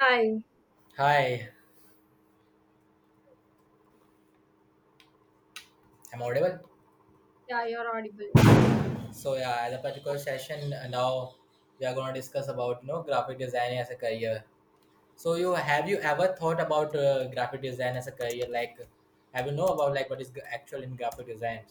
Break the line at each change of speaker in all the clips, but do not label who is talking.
Hi.
Hi, I'm audible.
Yeah, you're audible.
So yeah, at the particular session now we are going to discuss about you know graphic design as a career. So you have you ever thought about graphic design as a career? Like, have you know about like what is actual in graphic design?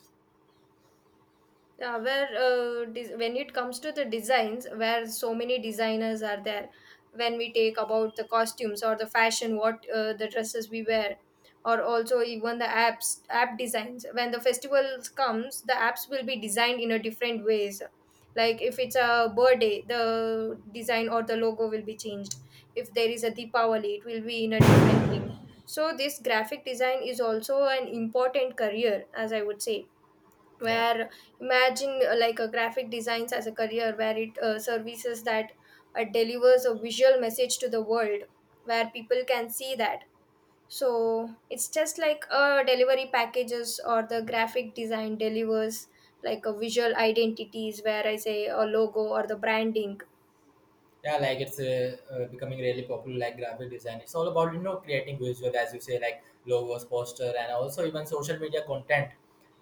Yeah, where when it comes to the designs, where so many designers are there, when we take about the costumes or the fashion, what the dresses we wear, or also even the app designs. When the festivals comes, the apps will be designed in a different ways. Like if it's a birthday, the design or the logo will be changed. If there is a Deepavali, it will be in a different thing. So this graphic design is also an important career, as I would say
Yeah.
where imagine like a graphic designs as a career where it services that delivers a visual message to the world where people can see that, so it's just like a delivery packages or the graphic design delivers like a visual identities where I say a logo or the branding.
Yeah, like it's becoming really popular, like graphic design. It's all about you know creating visual as you say, like logos, poster, and also even social media content.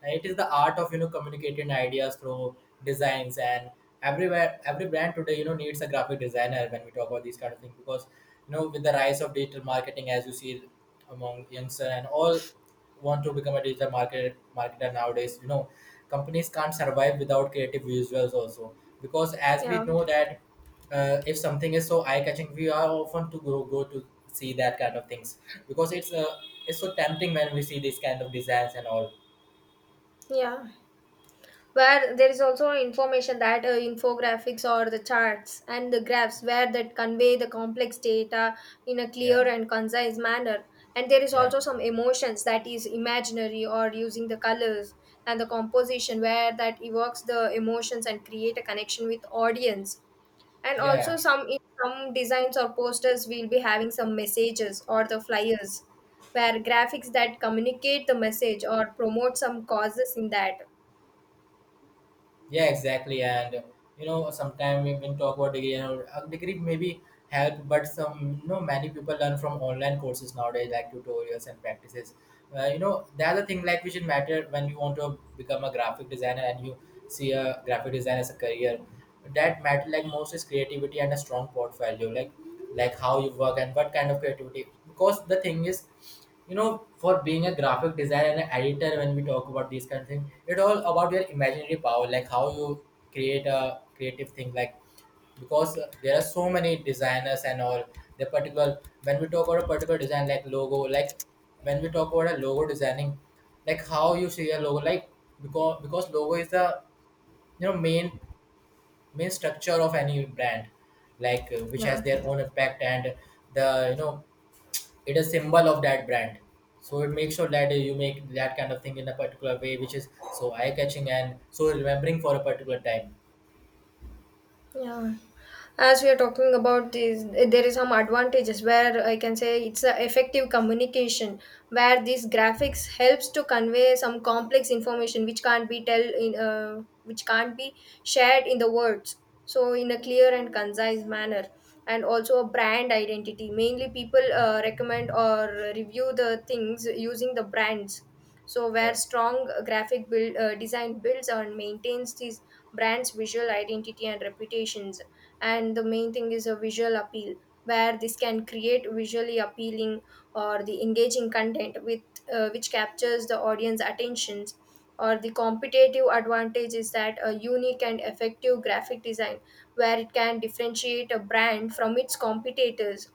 And it is the art of you know communicating ideas through designs. And everywhere, every brand today you know needs a graphic designer when we talk about these kind of things, because you know with the rise of digital marketing as you see among youngster and all want to become a digital marketer nowadays. You know, companies can't survive without creative visuals also, because as we
Yeah,
know that if something is so eye-catching, we are often to go to see that kind of things, because it's so tempting when we see these kind of designs and all.
yeah, where there is also information that infographics or the charts and the graphs where that convey the complex data in a clear
Yeah,
and concise manner, and there is
yeah,
also some emotions that is imaginary or using the colors and the composition where that evokes the emotions and create a connection with audience, and
yeah,
also
yeah.
some in some designs or posters will be having some messages or the flyers where graphics that communicate the message or promote some causes in that.
Yeah, exactly. And you know, sometimes we can talk about degree. You know, a degree maybe help, but some you know many people learn from online courses nowadays, like tutorials and practices. You know, the other thing like which it matter when you want to become a graphic designer and you see a graphic design as a career, that matter like most is creativity and a strong portfolio, like how you work and what kind of creativity. Because the thing is, you know, for being a graphic designer and an editor when we talk about these kind of things, it all about your imaginary power, like how you create a creative thing. Like, because there are so many designers and all. The particular when we talk about a particular design, like logo, like when we talk about a logo designing, like how you see a logo. Like, because logo is the you know main structure of any brand, like which has
Yeah.
their own impact. And the you know, it is symbol of that brand. So it makes sure that you make that kind of thing in a particular way which is so eye catching and so remembering for a particular time.
Yeah. As we are talking about this, there is some advantages where I can say it's a effective communication where these graphics helps to convey some complex information which can't be tell in which can't be shared in the words. So in a clear and concise manner, and also a brand identity. Mainly, people recommend or review the things using the brands. So
Yeah.
where strong graphic build design builds and maintains these brands visual identity and reputations, and the main thing is a visual appeal where this can create visually appealing or the engaging content with which captures the audience attentions, or the competitive advantage is that a unique and effective graphic design where it can differentiate a brand from its competitors.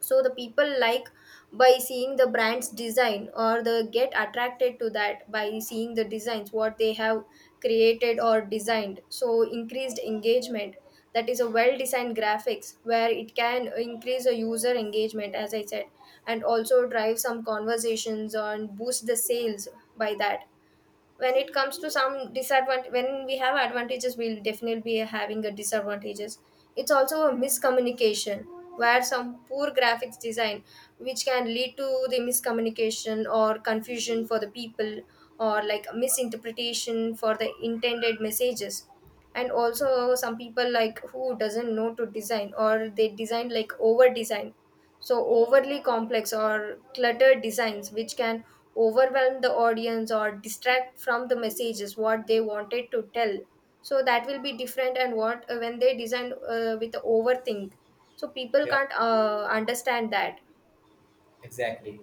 So the people like, by seeing the brand's design, or they get attracted to that by seeing the designs what they have created or designed. So increased engagement, that is a well designed graphics where it can increase a user engagement as I said, and also drive some conversations on boost the sales by that. When it comes to some disadvantage, when we have advantages we'll definitely be having a disadvantages. It's also a miscommunication where some poor graphics design which can lead to the miscommunication or confusion for the people, or like misinterpretation for the intended messages. And also some people like who doesn't know to design or they design like over design, so overly complex or cluttered designs which can overwhelm the audience or distract from the messages what they wanted to tell. So that will be different, and what when they design with overthink, so people
Yeah,
can't understand that.
exactly.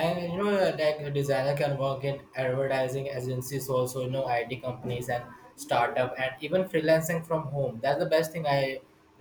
And you know, like a designer can work in advertising agencies, also you know, IT companies and startup, and even freelancing from home. That's the best thing I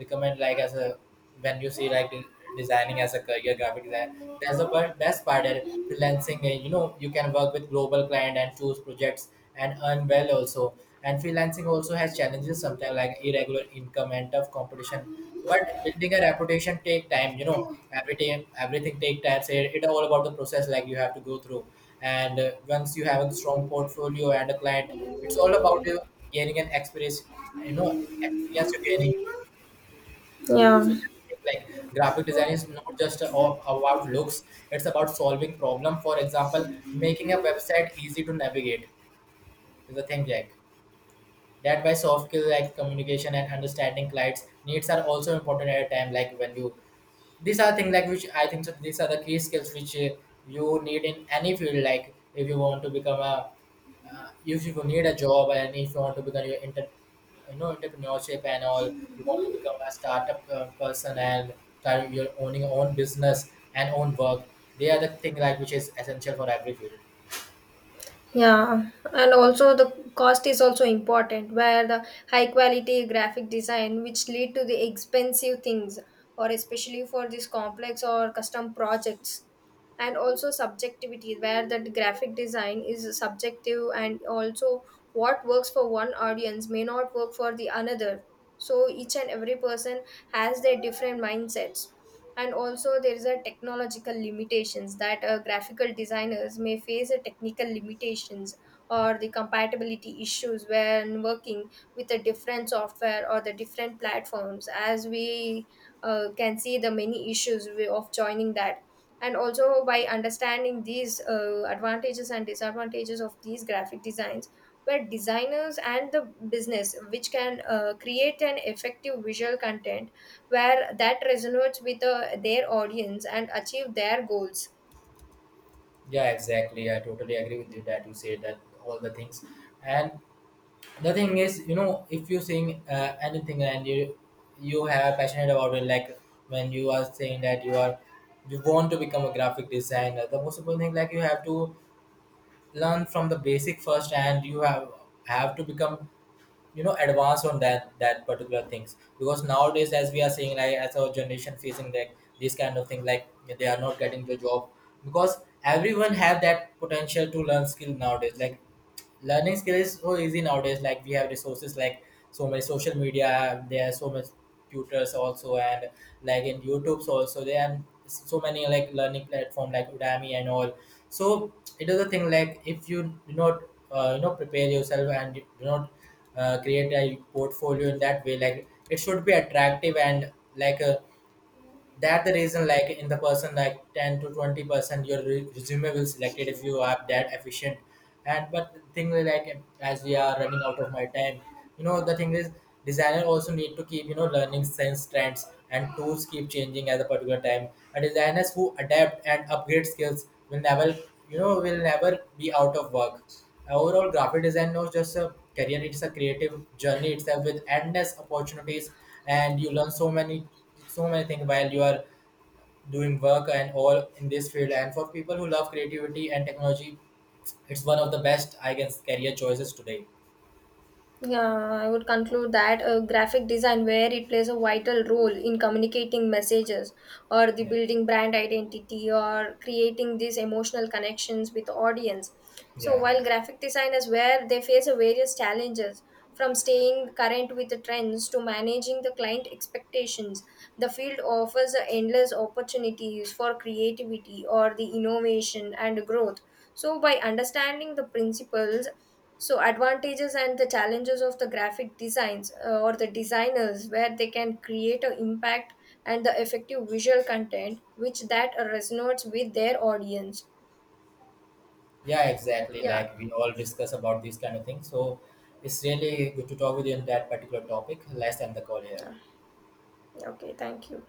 recommend. Like, as a when you see like designing as a career, graphic design. That's the best part. That freelancing, you know, you can work with global client and choose projects and earn well also. And freelancing also has challenges sometimes, like irregular income and tough competition, but building a reputation take time. You know, every time everything take time, so it, all about the process like you have to go through. And once you have a strong portfolio and a client, it's all about gaining an experience. You know, experience you're gaining.
Yeah.
So that, thing, like graphic design is not just all about looks. It's about solving problem, for example making a website easy to navigate is a thing, like that why soft skills like communication and understanding clients needs are also important at a time, like when you these are things, like which I think so these are the key skills which you need in any field. Like if you want to become a if you need a job, and if you want to become your inter you know entrepreneurship and all, you want to become a startup person and start your owning your own business and own work. They are the thing like which is essential for every field.
Yeah, and also the cost is also important where the high quality graphic design which lead to the expensive things, or especially for these complex or custom projects. And also subjectivity, where that graphic design is subjective, and also what works for one audience may not work for the another. So each and every person has their different mindsets. And also there is a technological limitations, that graphical designers may face a technical limitations or the compatibility issues when working with a different software or the different platforms, as we can see the many issues we- of joining that. And also by understanding these advantages and disadvantages of these graphic designs, where designers and the business which can create an effective visual content where that resonates with their audience and achieve their goals.
Yeah, exactly. I totally agree with you that you said that all the things. And the thing is, you know, if you sing anything and you have passionate about it, like when you are saying that you are you want to become a graphic designer, the most important thing like you have to learn from the basic first, and you have to become you know advanced on that particular things. Because nowadays, as we are seeing, like as our generation facing like this kind of thing, like they are not getting the job, because everyone have that potential to learn skill nowadays. Like learning skill is so easy nowadays, like we have resources, like so many social media, there are so much tutors also. And like in youtube's also, there are so many like learning platform like udemy and all. So it is a thing, like if you do not you know prepare yourself, and you do not create a portfolio in that way like it should be attractive and like a that the reason, like in the person like 10 to 20% your resume will selected if you are that efficient. And but the thing is, like as we are running out of my time, you know the thing is designer also need to keep you know learning sense, trends and tools keep changing at a particular time. And designers who adapt and upgrade skills will never you know will never be out of work. Overall, graphic design not just a career, it's a creative journey itself with endless opportunities. And you learn so many so many things while you are doing work and all in this field. And for people who love creativity and technology, it's one of the best I guess career choices today.
Yeah, I would conclude that graphic design, where it plays a vital role in communicating messages or the
Yeah.
building brand identity or creating these emotional connections with the audience. So,
Yeah,
while graphic designers, where they face a various challenges from staying current with the trends to managing the client expectations, the field offers a endless opportunities for creativity or the innovation and growth. So, by understanding the principles, so advantages and the challenges of the graphic designs, or the designers where they can create an impact and the effective visual content which that resonates with their audience.
yeah, exactly,
Yeah.
like we all discuss about these kind of things, so it's really good to talk with you on that particular topic. Let's end the call here.
Yeah. Okay, thank you.